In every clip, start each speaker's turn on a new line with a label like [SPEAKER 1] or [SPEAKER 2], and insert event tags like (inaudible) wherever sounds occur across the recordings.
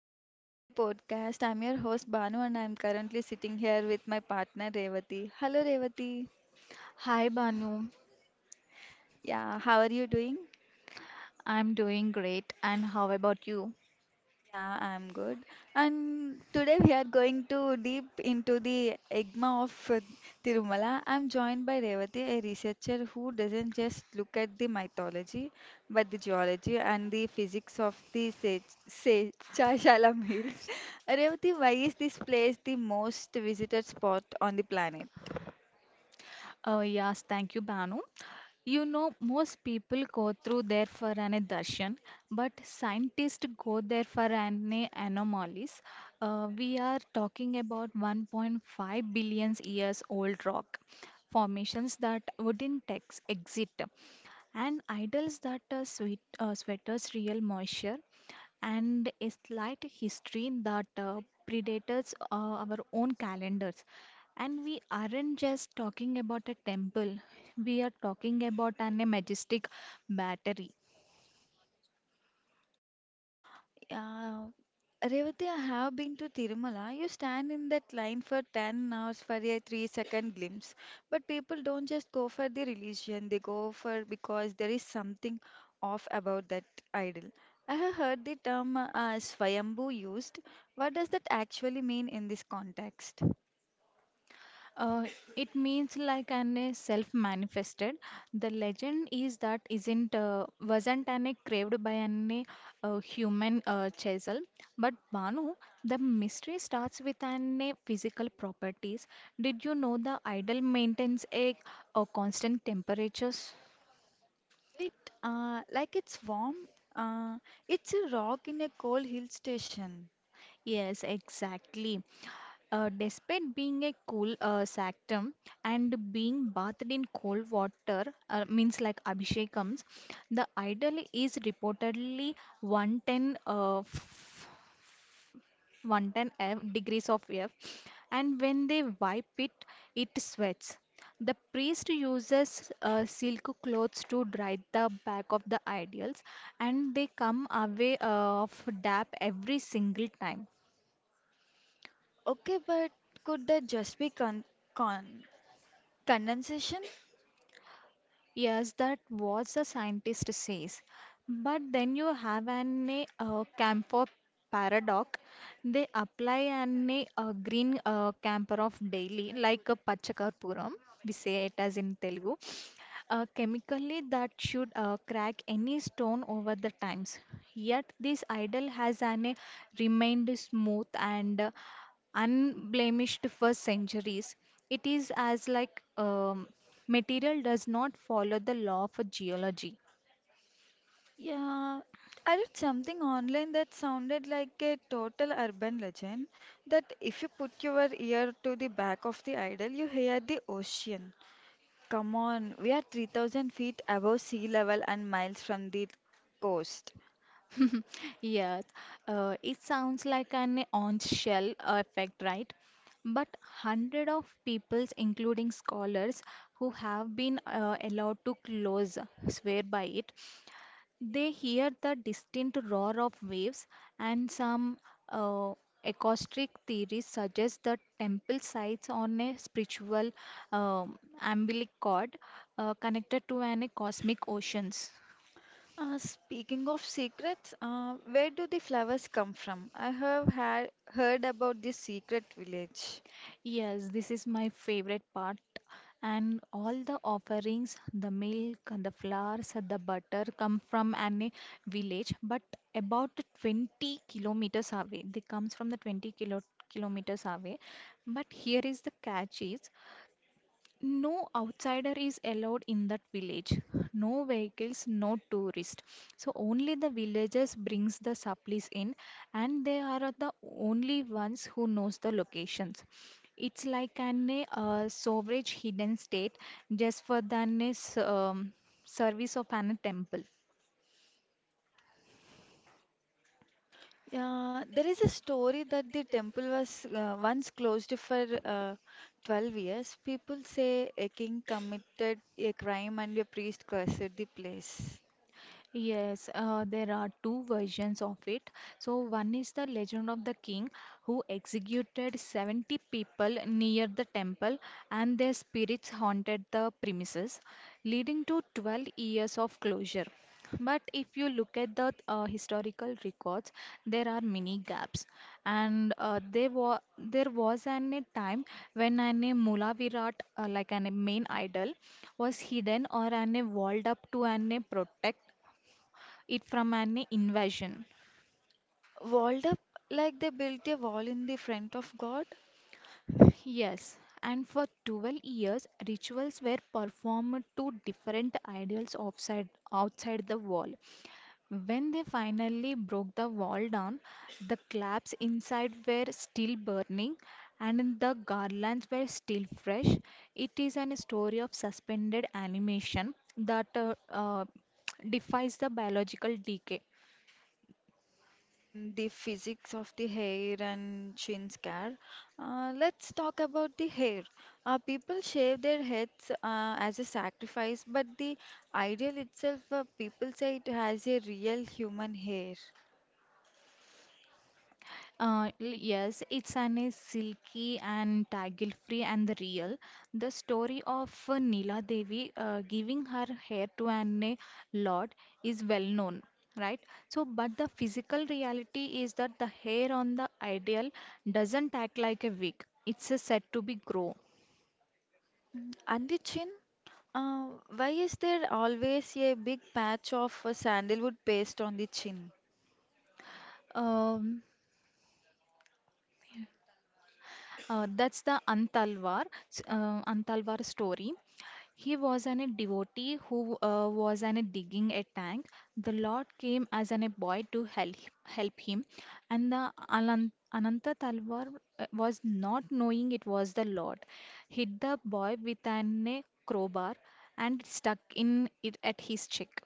[SPEAKER 1] welcome back to the podcast. I'm your host Banu and I'm currently sitting here with my partner Revati. Hello Revati.
[SPEAKER 2] Hi Banu,
[SPEAKER 1] Yeah, how are you doing?
[SPEAKER 2] I'm doing great and how about you?
[SPEAKER 1] Yeah, I'm good. And today we are going to deep into the enigma of Tirumala. I'm joined by Revati, a researcher who doesn't just look at the mythology, but the geology and the physics of the Se Chaishalam Hills. (laughs) Revati, why is this place the most visited spot on the planet?
[SPEAKER 2] Oh yes, thank you Banu. You know most people go through there for an darshan, but scientists go there for an anomalies. We are talking about 1.5 billion years old rock formations that wouldn't exit and idols that sweaters real moisture and a slight history that predates our own calendars. And we aren't just talking about a temple; we are talking about an a majestic battery.
[SPEAKER 1] Yeah, Revati, I have been to Tirumala. You stand in that line for 10 hours for a 3-second glimpse. But people don't just go for the religion, they go for because there is something off about that idol. I have heard the term Swayambhu used. What does that actually mean in this context?
[SPEAKER 2] Uh, it means like an self-manifested. The legend is that isn't wasn't an a craved by an human chasel, but Banu, the mystery starts with an a physical properties. Did you know the idol maintains a constant temperatures?
[SPEAKER 1] Wait, like it's warm? Uh, it's a rock in a cold hill station.
[SPEAKER 2] Yes, exactly. Despite being a cool sanctum and being bathed in cold water, means like Abhishekams, the idol is reportedly 110 uh, 110 F degrees of F, and when they wipe it, it sweats. The priest uses silk clothes to dry the back of the idols, and they come away of dap every single time.
[SPEAKER 1] Okay, but could that just be con condensation?
[SPEAKER 2] Yes, that what the scientist says. But then you have an camphor paradox. They apply an green camphor of daily, like a pachakarpuram, we say it as in Telugu, chemically that should crack any stone over the times. Yet this idol has an remained smooth and unblemished for centuries. It is as like material does not follow the law for geology.
[SPEAKER 1] Yeah, I read something online that sounded like a total urban legend that if you put your ear to the back of the idol, you hear the ocean. Come on, we are 3,000 feet above sea level and miles from the coast.
[SPEAKER 2] (laughs) Yes, it sounds like an orange shell effect, right? But hundred of peoples, including scholars, who have been allowed to close swear by it. They hear the distinct roar of waves, and some uh, acoustic theories suggest that temple sites on a spiritual umbilic cord connected to an a cosmic oceans.
[SPEAKER 1] Speaking of secrets, where do the flowers come from? I have had heard about the secret village.
[SPEAKER 2] Yes, this is my favorite part. And all the offerings, the milk, the flowers, the butter come from an village, but about 20 kilometers away. They comes from the 20 kilometers away. But here is the catch is no outsider is allowed in that village. No vehicles, no tourists. So only the villagers brings the supplies in and they are the only ones who knows the locations. It's like an sovereign hidden state just for the service of an temple.
[SPEAKER 1] Yeah, there is a story that the temple was once closed for 12 years. People say a king committed a crime and a priest cursed the place.
[SPEAKER 2] Yes, there are two versions of it. So, one is the legend of the king who executed 70 people near the temple, and their spirits haunted the premises, leading to 12 years of closure. But if you look at the historical records, there are many gaps, and there was an a time when an a Mula Virat, like an a main idol, was hidden or an a walled up to an a protect it from an invasion.
[SPEAKER 1] Walled up like they built a wall in the front of God.
[SPEAKER 2] Yes, and for 12 years, rituals were performed to different ideals outside the wall. When they finally broke the wall down, the claps inside were still burning and the garlands were still fresh. It is an story of suspended animation that defies the biological decay.
[SPEAKER 1] Mm, the physics of the hair and chin scare. Let's talk about the hair. People shave their heads as a sacrifice, but the ideal itself, people say it has a real human hair.
[SPEAKER 2] Yes, it's an is silky and tangle free and the real. The story of Neela Devi giving her hair to an lord is well known, right? So, but the physical reality is that the hair on the ideal doesn't act like a wig, it's said to be grow.
[SPEAKER 1] And the chin, uh, why is there always a big patch of sandalwood paste on the chin?
[SPEAKER 2] Um, that's the Antalwar story. He was an a devotee who was an a digging a tank. The Lord came as an a boy to help him, and the Ananta Talwar was not knowing it was the Lord. Hit the boy with an a crowbar and stuck in it at his cheek.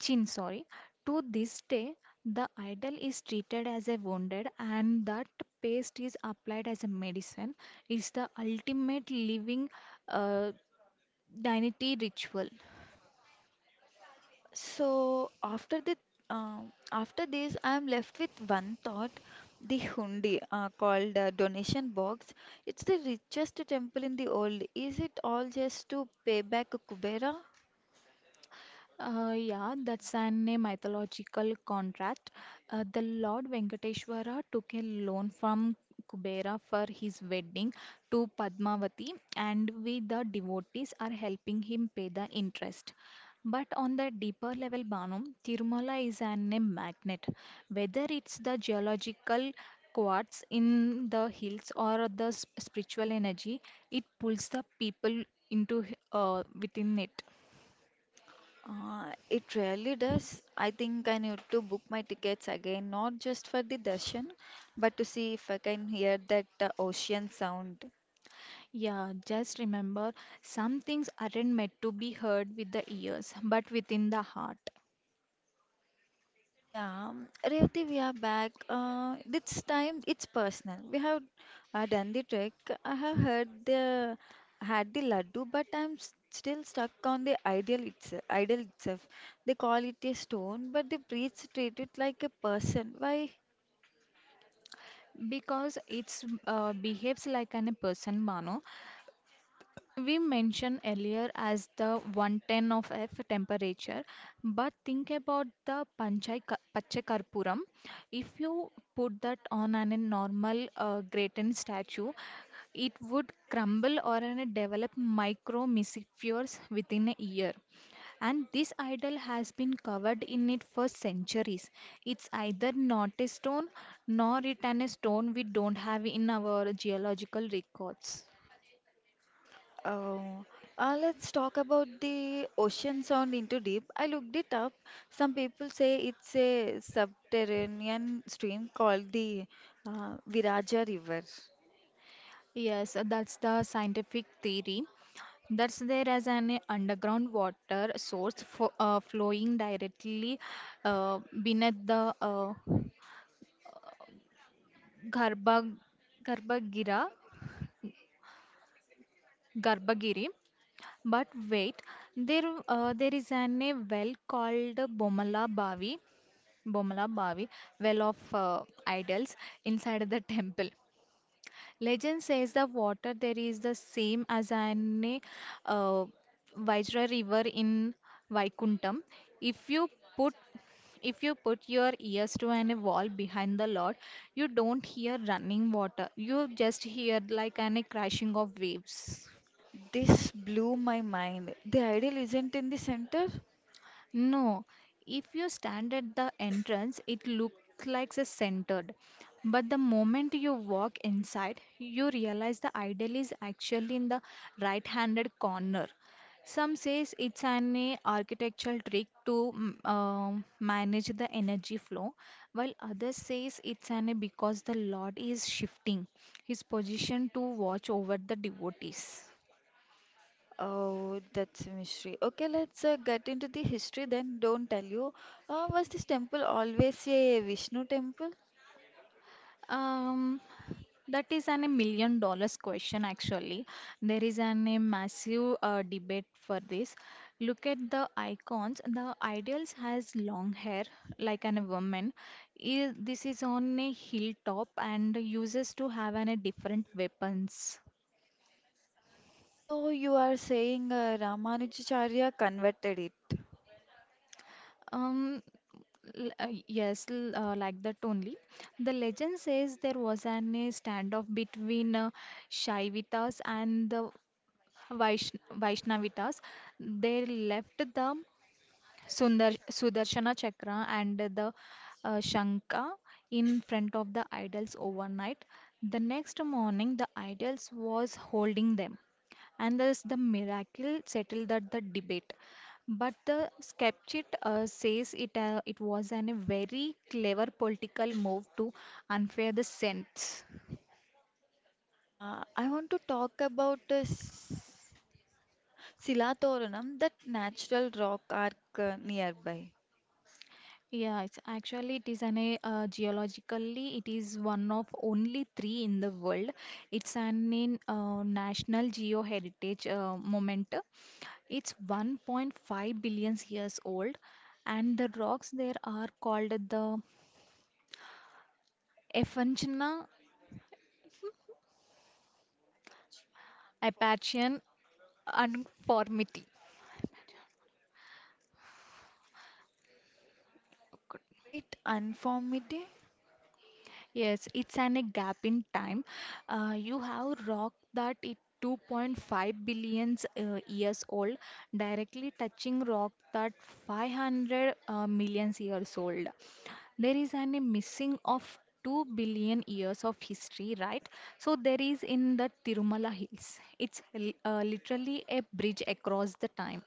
[SPEAKER 2] Chin, sorry. To this day, the idol is treated as a wounded, and that paste is applied as a medicine. It's the ultimate living uh, deity ritual.
[SPEAKER 1] So uh, after this, I am left with one thought: the hundi, called donation box. It's the richest temple in the world. Is it all just to pay back Kubera?
[SPEAKER 2] Yeah, that's an a mythological contract. The Lord Venkateshwara took a loan from Kubera for his wedding to Padmavati, and we, the devotees, are helping him pay the interest. But on the deeper level, Banu, Tirumala is an a magnet. Whether it's the geological quartz in the hills or the spiritual energy, it pulls the people into within it.
[SPEAKER 1] It really does. I think I need to book my tickets again, not just for the darshan, but to see if I can hear that ocean sound.
[SPEAKER 2] Yeah, just remember some things aren't meant to be heard with the ears, but within the heart.
[SPEAKER 1] Yeah, Revati, we are back. This time it's personal. We have done the trick. I have heard the had the laddu, but still stuck on the ideal itself. Idol itself. They call it a stone, but the priests treat it like a person. Why?
[SPEAKER 2] Because it's behaves like an person, Mano. We mentioned earlier as the 110 of F temperature, but think about the Pachakarpuram. If you put that on a normal gratin statue, it would crumble or a develop micro mesospheres within a year. And this idol has been covered in it for centuries. It's either not a stone nor it an a stone we don't have in our geological records.
[SPEAKER 1] Uh, let's talk about the ocean sound into deep. I looked it up. Some people say it's a subterranean stream called the Viraja River.
[SPEAKER 2] Yes, that's the scientific theory. That's there as an underground water source for, flowing directly beneath the Garbha, Garbhagira, Garbhagiri. But wait, there is an a well called Bomala Bavi, well of idols inside the (laughs) temple. Legend says the water there is the same as an uh, Vajra river in Vaikuntham. If you put if you put your ears to an wall behind the Lord, you don't hear running water. You just hear like an crashing of waves.
[SPEAKER 1] This blew my mind. The ideal isn't in the center?
[SPEAKER 2] No, if you stand at the entrance, it looks like a centered. But the moment you walk inside, you realize the idol is actually in the right-handed corner. Some says it's an architectural trick to manage the energy flow, while others says it's an because the Lord is shifting his position to watch over the devotees.
[SPEAKER 1] Oh, that's a mystery. Okay, let's get into the history then. Don't tell you. Was this temple always a Vishnu temple?
[SPEAKER 2] Um, that is an a million dollars question actually. There is an a massive debate for this. Look at the icons. The ideals has long hair like an a woman. Is This is on a hilltop and uses to have an a different weapons.
[SPEAKER 1] So you are saying Ramanujacharya converted it.
[SPEAKER 2] Um, yes, like that only. The legend says there was an a standoff between Shaivitas and the Vaishnavitas. They left the Sundar Sudarshana Chakra and the Shankha in front of the idols overnight. The next morning, the idols was holding them, and thus the miracle settled that the debate. But the skeptic says it was a very clever political move to unfair the saints.
[SPEAKER 1] I want to talk about Silatoranam, that natural rock arc nearby.
[SPEAKER 2] Yeah, it's actually it is an a geologically it is one of only three in the world. It's an in National Geo Heritage moment. It's 1.5 billion years old, and the rocks there are called the Ephangena Apatian Unformity.
[SPEAKER 1] Wait, unformity?
[SPEAKER 2] Yes, it's an a gap in time. You have rock that it 2.5 billion years old, directly touching rock that 500 million years old. There is an a missing of 2 billion years of history, right? So there is in the Tirumala Hills. It's literally a bridge across the time.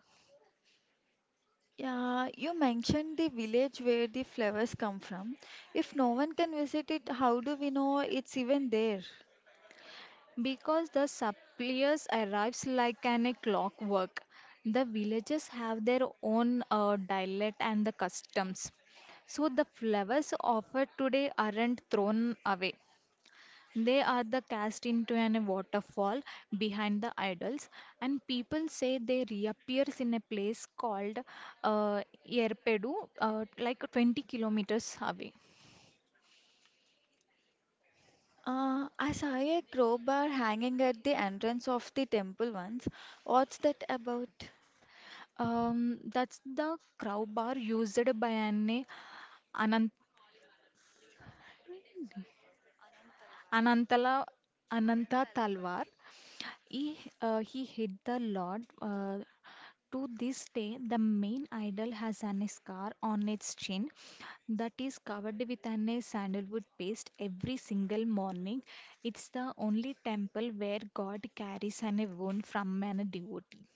[SPEAKER 1] Yeah, you mentioned the village where the flowers come from. If no one can visit it, how do we know it's even there?
[SPEAKER 2] Because the suppliers arrives like an a clockwork, the villagers have their own dialect and the customs. So the flowers offered today aren't thrown away. They are the cast into an waterfall behind the idols, and people say they reappears in a place called uh, Erpedu, like 20 kilometers away.
[SPEAKER 1] I saw a crowbar hanging at the entrance of the temple once. What's that about?
[SPEAKER 2] That's the crowbar used by an Anant Anantala, Ananta Talwar. He, he hit the Lord. To this day, the main idol has an scar on its chin that is covered with an sandalwood paste every single morning. It's the only temple where God carries an wound from an devotee.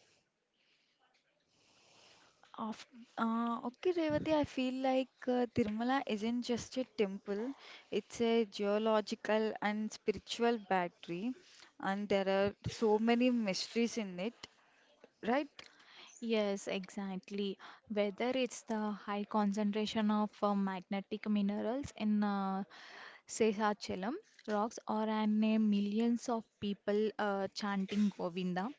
[SPEAKER 1] Of, okay, Revati, I feel like Tirumala isn't just a temple, it's a geological and spiritual battery, and there are so many mysteries in it, right?
[SPEAKER 2] Yes, exactly. Whether it's the high concentration of magnetic minerals in Seshachalam rocks are an millions of people chanting Govinda.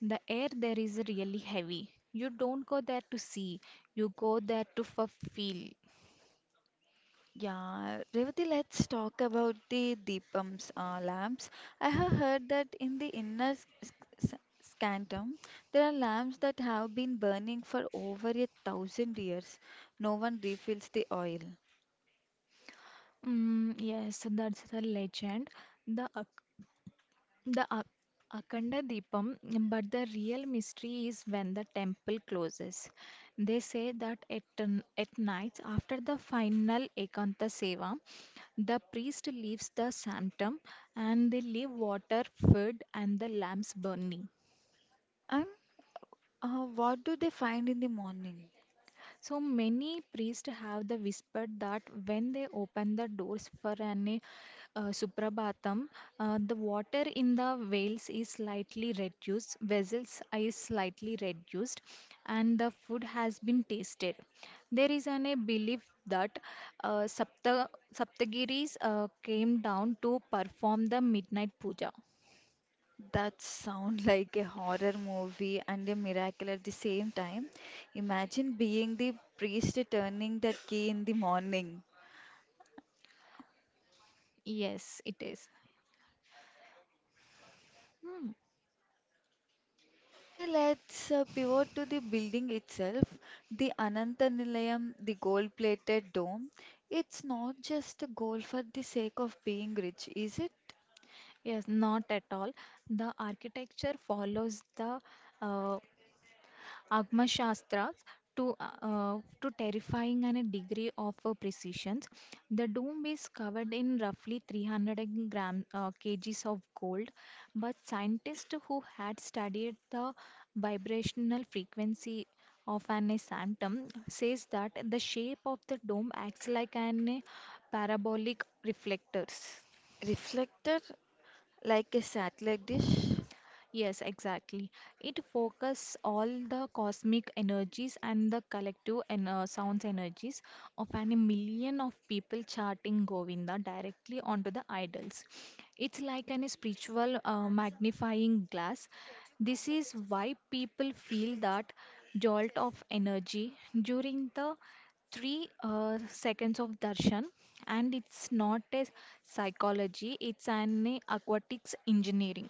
[SPEAKER 2] The air there is really heavy. You don't go there to see, you go there to feel.
[SPEAKER 1] Yeah, Revati, let's talk about the Deepams, lamps. I have heard that in the inner s- sanctum, there are lamps that have been burning for over 1,000 years. No one refills the oil.
[SPEAKER 2] Mm, yes, that's the legend. The the A- Akhanda Deepam, but the real mystery is when the temple closes. They say that at nights after the final Ekanta Seva, the priest leaves the sanctum and they leave water, food, and the lamps burning.
[SPEAKER 1] And what do they find in the morning?
[SPEAKER 2] So many priests have the whisper that when they open the doors for an suprabhatam, the water in the veils is slightly reduced, vessels is slightly reduced, and the food has been tasted. There is a belief that uh, Sapta, Saptagiris came down to perform the midnight puja.
[SPEAKER 1] That sound (laughs) like a horror movie and a miracle at the same time. Imagine being the priest turning that key in the morning.
[SPEAKER 2] Yes, it is. Hmm.
[SPEAKER 1] Okay, let's pivot to the building itself, the Ananta Nilayam, the gold-plated dome. It's not just a goal for the sake of being rich, is it?
[SPEAKER 2] Yes, not at all. The architecture follows the uh, Agma shastras to terrifying and a degree of precision. The dome is covered in roughly 300 kgs of gold, but scientists who had studied the vibrational frequency of an sanctum says that the shape of the dome acts like an parabolic reflectors.
[SPEAKER 1] Reflected like a satellite dish.
[SPEAKER 2] Yes, exactly. It focuses all the cosmic energies and the collective and sounds energies of an a million of people chanting Govinda directly onto the idols. It's like an spiritual magnifying glass. This is why people feel that jolt of energy during the three seconds of darshan and it's not a psychology, it's an aquatics engineering.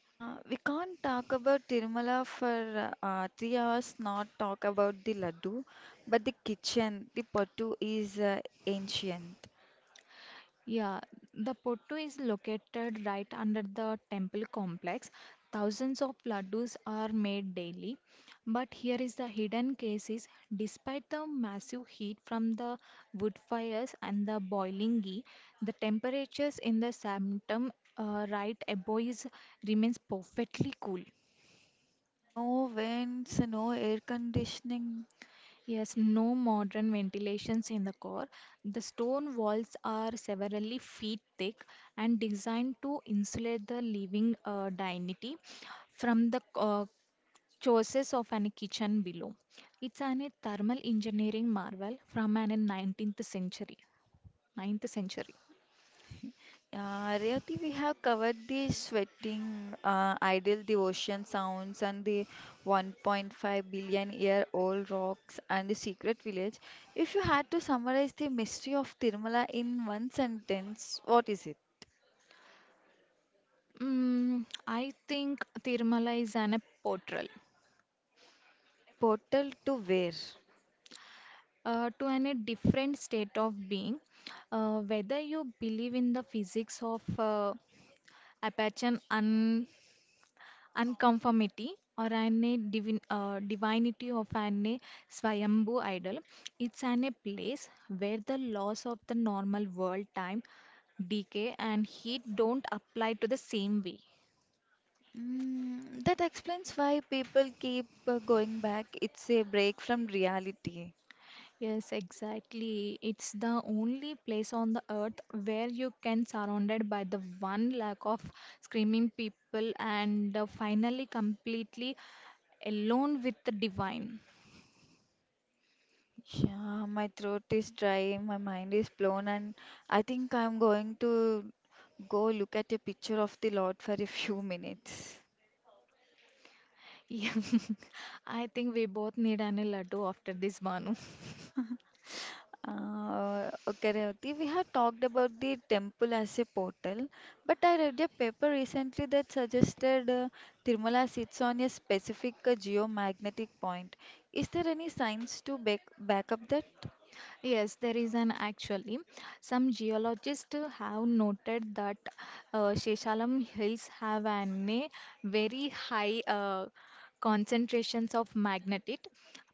[SPEAKER 1] We can't talk about Tirumala for 3 hours, not talk about the laddu, but the kitchen, the pattu is ancient.
[SPEAKER 2] Yeah, the Pottu is located right under the temple complex. Thousands of laddus are made daily. But here is the hidden case is despite the massive heat from the wood fires and the boiling ghee, the temperatures in the sanctum right above is remains perfectly cool.
[SPEAKER 1] No vents, no air conditioning.
[SPEAKER 2] Yes, no modern ventilations in the core. The stone walls are several feet thick and designed to insulate the living dignity from the choices of an kitchen below. It's an a thermal engineering marvel from an 19th century. 9th century.
[SPEAKER 1] Rayati, we have covered the sweating, idle devotion sounds, and the 1.5 billion year old rocks and the secret village. If you had to summarize the mystery of Tirumala in one sentence, what is it?
[SPEAKER 2] Mm, I think Tirumala is an a portal
[SPEAKER 1] A portal to where?
[SPEAKER 2] to an a different state of being. Whether you believe in the physics of I patch an unconformity or an a divinity of an a Swayambhu idol. It's an a place where the laws of the normal world, time, decay, and heat don't apply to the same way.
[SPEAKER 1] Mm, that explains why people keep going back. It's a break from reality.
[SPEAKER 2] Yes, exactly. It's the only place on the earth where you can surrounded by the one lack of screaming people and finally completely alone with the divine.
[SPEAKER 1] Yeah, my throat is dry, my mind is blown, and I think I'm going to go look at a picture of the Lord for a (laughs) few minutes.
[SPEAKER 2] Yeah, (laughs) I think we both need an laddu after this, Banu.
[SPEAKER 1] Okay, Revati, we have talked about the temple as a portal, but I read a paper recently that suggested Tirumala sits on a specific geomagnetic point. Is there any science to back up that?
[SPEAKER 2] Yes, there is an actually. Some geologists have noted that Sheshalam Hills have an a very high concentrations of magnetite.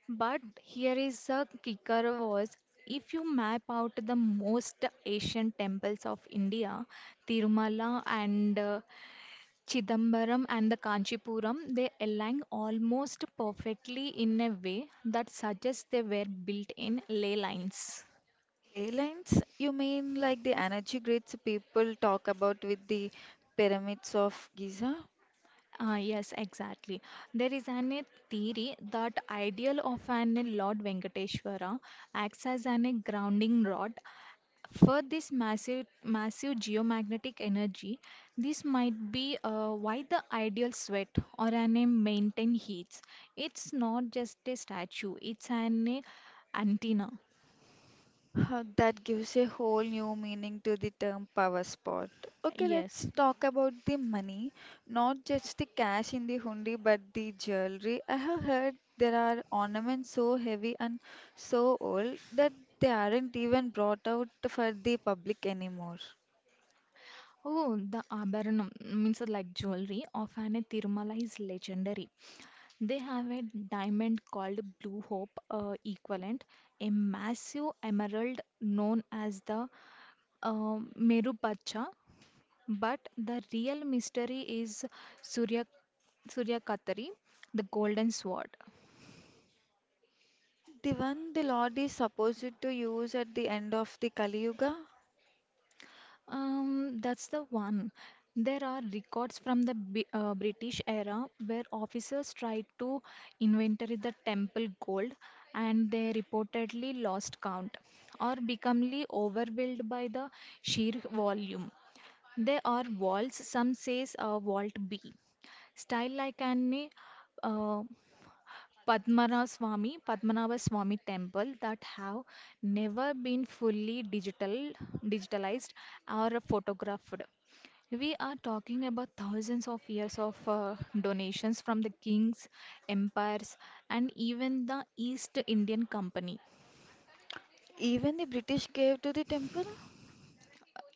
[SPEAKER 2] But here is a kicker was if you map out the most ancient temples of India, Tirumala and Chidambaram and the Kanchipuram, they align almost perfectly in a way that suggests they were built in ley lines.
[SPEAKER 1] Ley lines, you mean like the energy grids people talk about with the pyramids of Giza?
[SPEAKER 2] Ah, yes, exactly. There is an a theory that ideal of an Lord Venkateshwara acts as an a grounding rod for this massive massive geomagnetic energy. This might be why the ideal sweat or an a maintain heats. It's not just a statue; it's an a antenna.
[SPEAKER 1] Huh, that gives a whole new meaning to the term power spot. Okay, let's
[SPEAKER 2] Yes.
[SPEAKER 1] talk about the money, not just the cash in the hundi, but the jewelry. I have heard there are ornaments so heavy and so old that they aren't even brought out for the public anymore.
[SPEAKER 2] Oh, the Abharanam means like jewelry. Often a Tirumala is legendary. They have a diamond called Blue Hope equivalent, a massive emerald known as the Merupacha. But the real mystery is Surya Surya Kathari, the golden sword.
[SPEAKER 1] The one the Lord is supposed to use at the end of the Kali Yuga?
[SPEAKER 2] That's the one. There are records from the B British era where officers tried to inventory the temple gold and they reportedly lost count or becomely overwhelmed by the sheer volume. There are walls, some says a vault B, style like an uh, Padmanabha Swami temple that have never been digitalized or photographed. We are talking about thousands of years of donations from the kings, empires, and even the East Indian Company.
[SPEAKER 1] Even the British gave to the temple.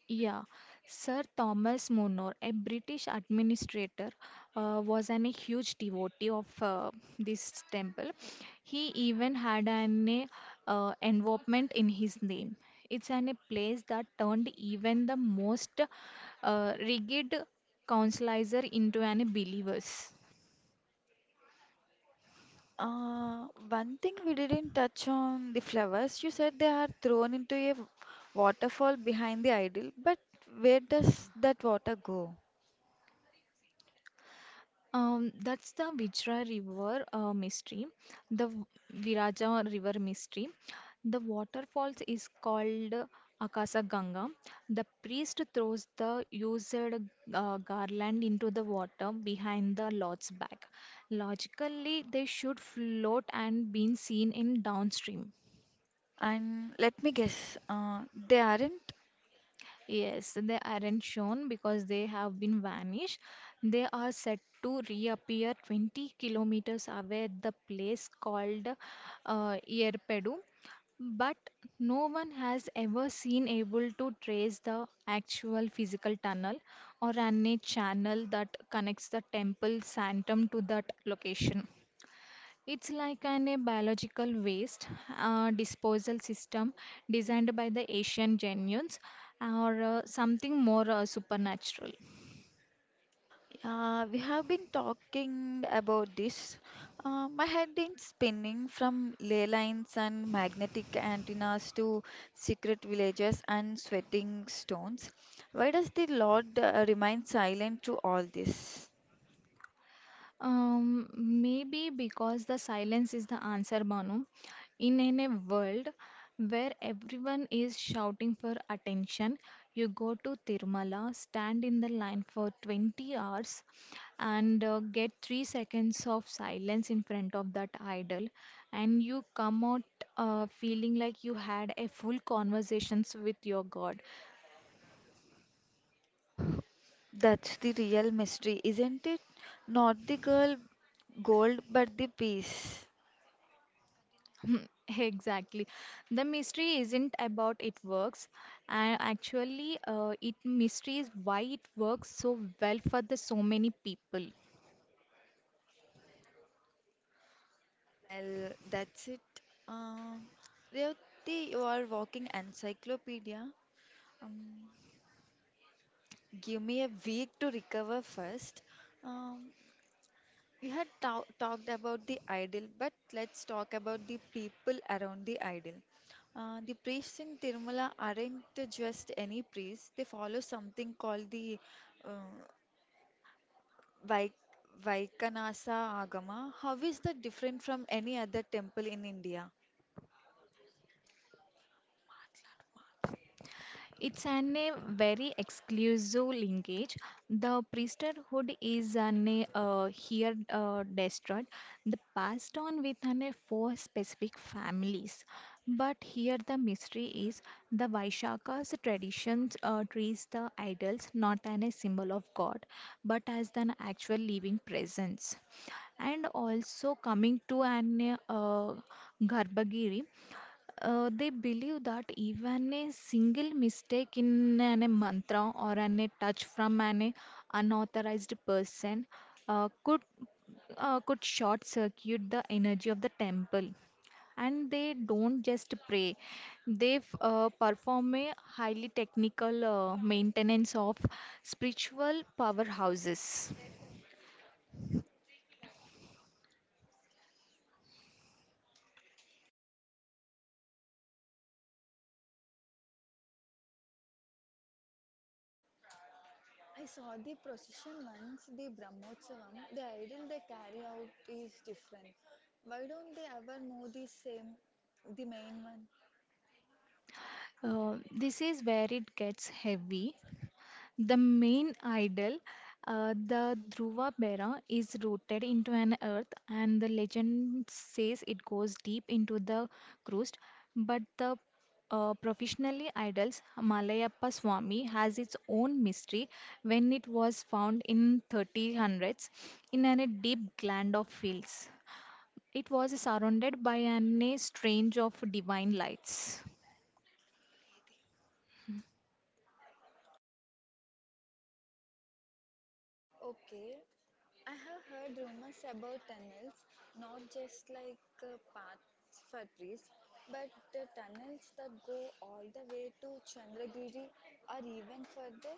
[SPEAKER 2] Yeah, Sir Thomas More, a British administrator, was an a huge devotee of this temple. He even had an a, involvement in his name. It's an a place that turned even the most rigid counselizer into an believers.
[SPEAKER 1] One thing we didn't touch on the flowers. You said they are thrown into a waterfall behind the idol, but where does that water go?
[SPEAKER 2] That's the Vijra River mystery, the Viraja River mystery. The waterfalls is called Akasa Ganga. The priest throws the used garland into the water behind the lord's back. Logically, they should float and been seen in downstream.
[SPEAKER 1] And let me guess, they aren't.
[SPEAKER 2] Yes, they aren't shown because they have been vanished. They are said to reappear 20 kilometers away at the place called Yerpedu, but no one has ever seen able to trace the actual physical tunnel or any channel that connects the temple sanctum to that location. It's like an a biological waste disposal system designed by the Asian genius or something more supernatural.
[SPEAKER 1] We have been talking about this. My head is spinning from ley lines and magnetic antennas to secret villages and sweating stones. Why does the Lord remain silent through all this?
[SPEAKER 2] Maybe because the silence is the answer, Banu. In a world where everyone is shouting for attention, you go to Tirumala, stand in the line for 20 hours, and get 3 seconds of silence in front of that idol, and you come out feeling like you had a full conversations with your God.
[SPEAKER 1] That's the real mystery, isn't it? Not the girl gold, but the peace.
[SPEAKER 2] (laughs) Exactly. The mystery isn't about it works, and actually, it mystery is why it works so well for the so many people.
[SPEAKER 1] Well, that's it. Uh, Revati, you are walking encyclopedia. Um, give me a week to recover first. Um, we had talked about the idol, but let's talk about the people around the idol. The priests in Tirumala aren't just any priests, they follow something called the uh, Vai- Vaikanasa Agama. How is that different from any other temple in India?
[SPEAKER 2] It's an a very exclusive linkage. The priesthood is an a, here destroyed, the passed on with an a four specific families. But here the mystery is the Vaishaka's traditions treats the idols not as a symbol of God, but as an actual living presence and also coming to an Garbhagiri, they believe that even a single mistake in an a mantra or an a touch from an unauthorized person uh, could could short circuit the energy of the temple. And they don't just pray; they perform a highly technical maintenance of spiritual powerhouses.
[SPEAKER 1] I saw the procession once, the Brahmotsavam. The idol they carry out is different. Why don't they ever move the main one?
[SPEAKER 2] Uh, this is where it gets heavy. The main idol, the Dhruva Bera, is rooted into an earth, and the legend says it goes deep into the crust. But the professionally idols, Malayappa Swami, has its own mystery when it was found in 1300s in a deep gland of fields. It was surrounded by a strange of divine lights.
[SPEAKER 1] Okay, I have heard rumors about tunnels, not just like paths for priests, but the tunnels that go all the way to Chandragiri or even further.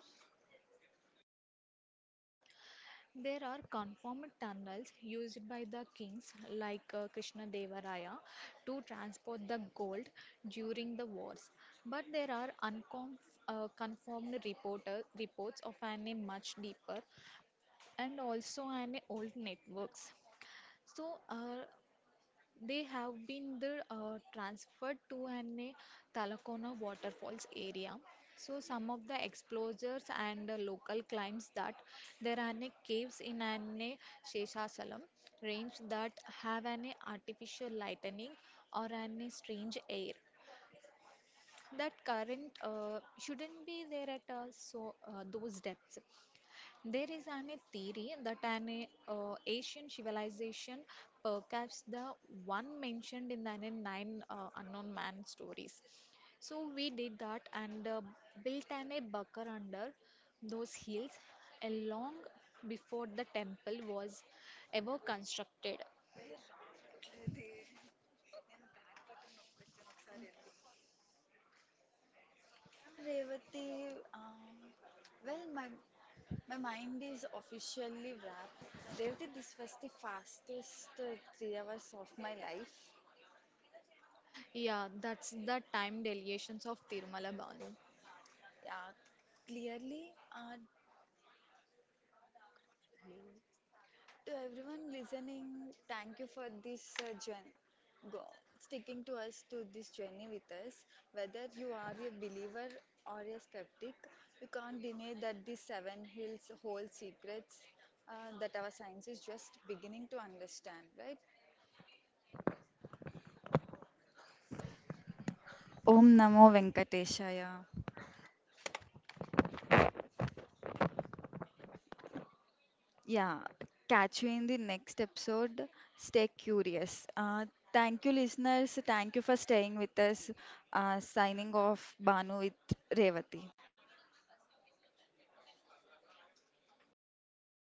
[SPEAKER 2] There are conformant tunnels used by the kings like Krishnadevaraya to transport the gold during the wars, but there are conformed reports of an a much deeper and also an old networks. So, they have been the, transferred to an Talakona waterfalls area. So some of the explorers and local claims that there are caves in an Sheshasalam range that have an artificial lightning or an strange air that current shouldn't be there at all so those depths there is an a theory that an Asian civilization, perhaps the one mentioned in the nine unknown man stories. So we did that and built an a bunker under those hills, long before the temple was ever constructed.
[SPEAKER 1] Yeah, Revati, well, my my mind is officially wrapped. Revati, this was the fastest 3 hours of my life.
[SPEAKER 2] Yeah, that's the time delegations of Tirumala Balu.
[SPEAKER 1] Yeah, clearly, to everyone listening, thank you for this journey. Go, sticking to us to this journey with us. Whether you are a believer or a skeptic, you can't deny that the 7 hills hold secrets that our science is just beginning to understand, right? Om Namo Venkateshaya. Yeah, catch you in the next episode. Stay curious. Thank you, listeners. Thank you for staying with us. Signing off, Banu with Revati.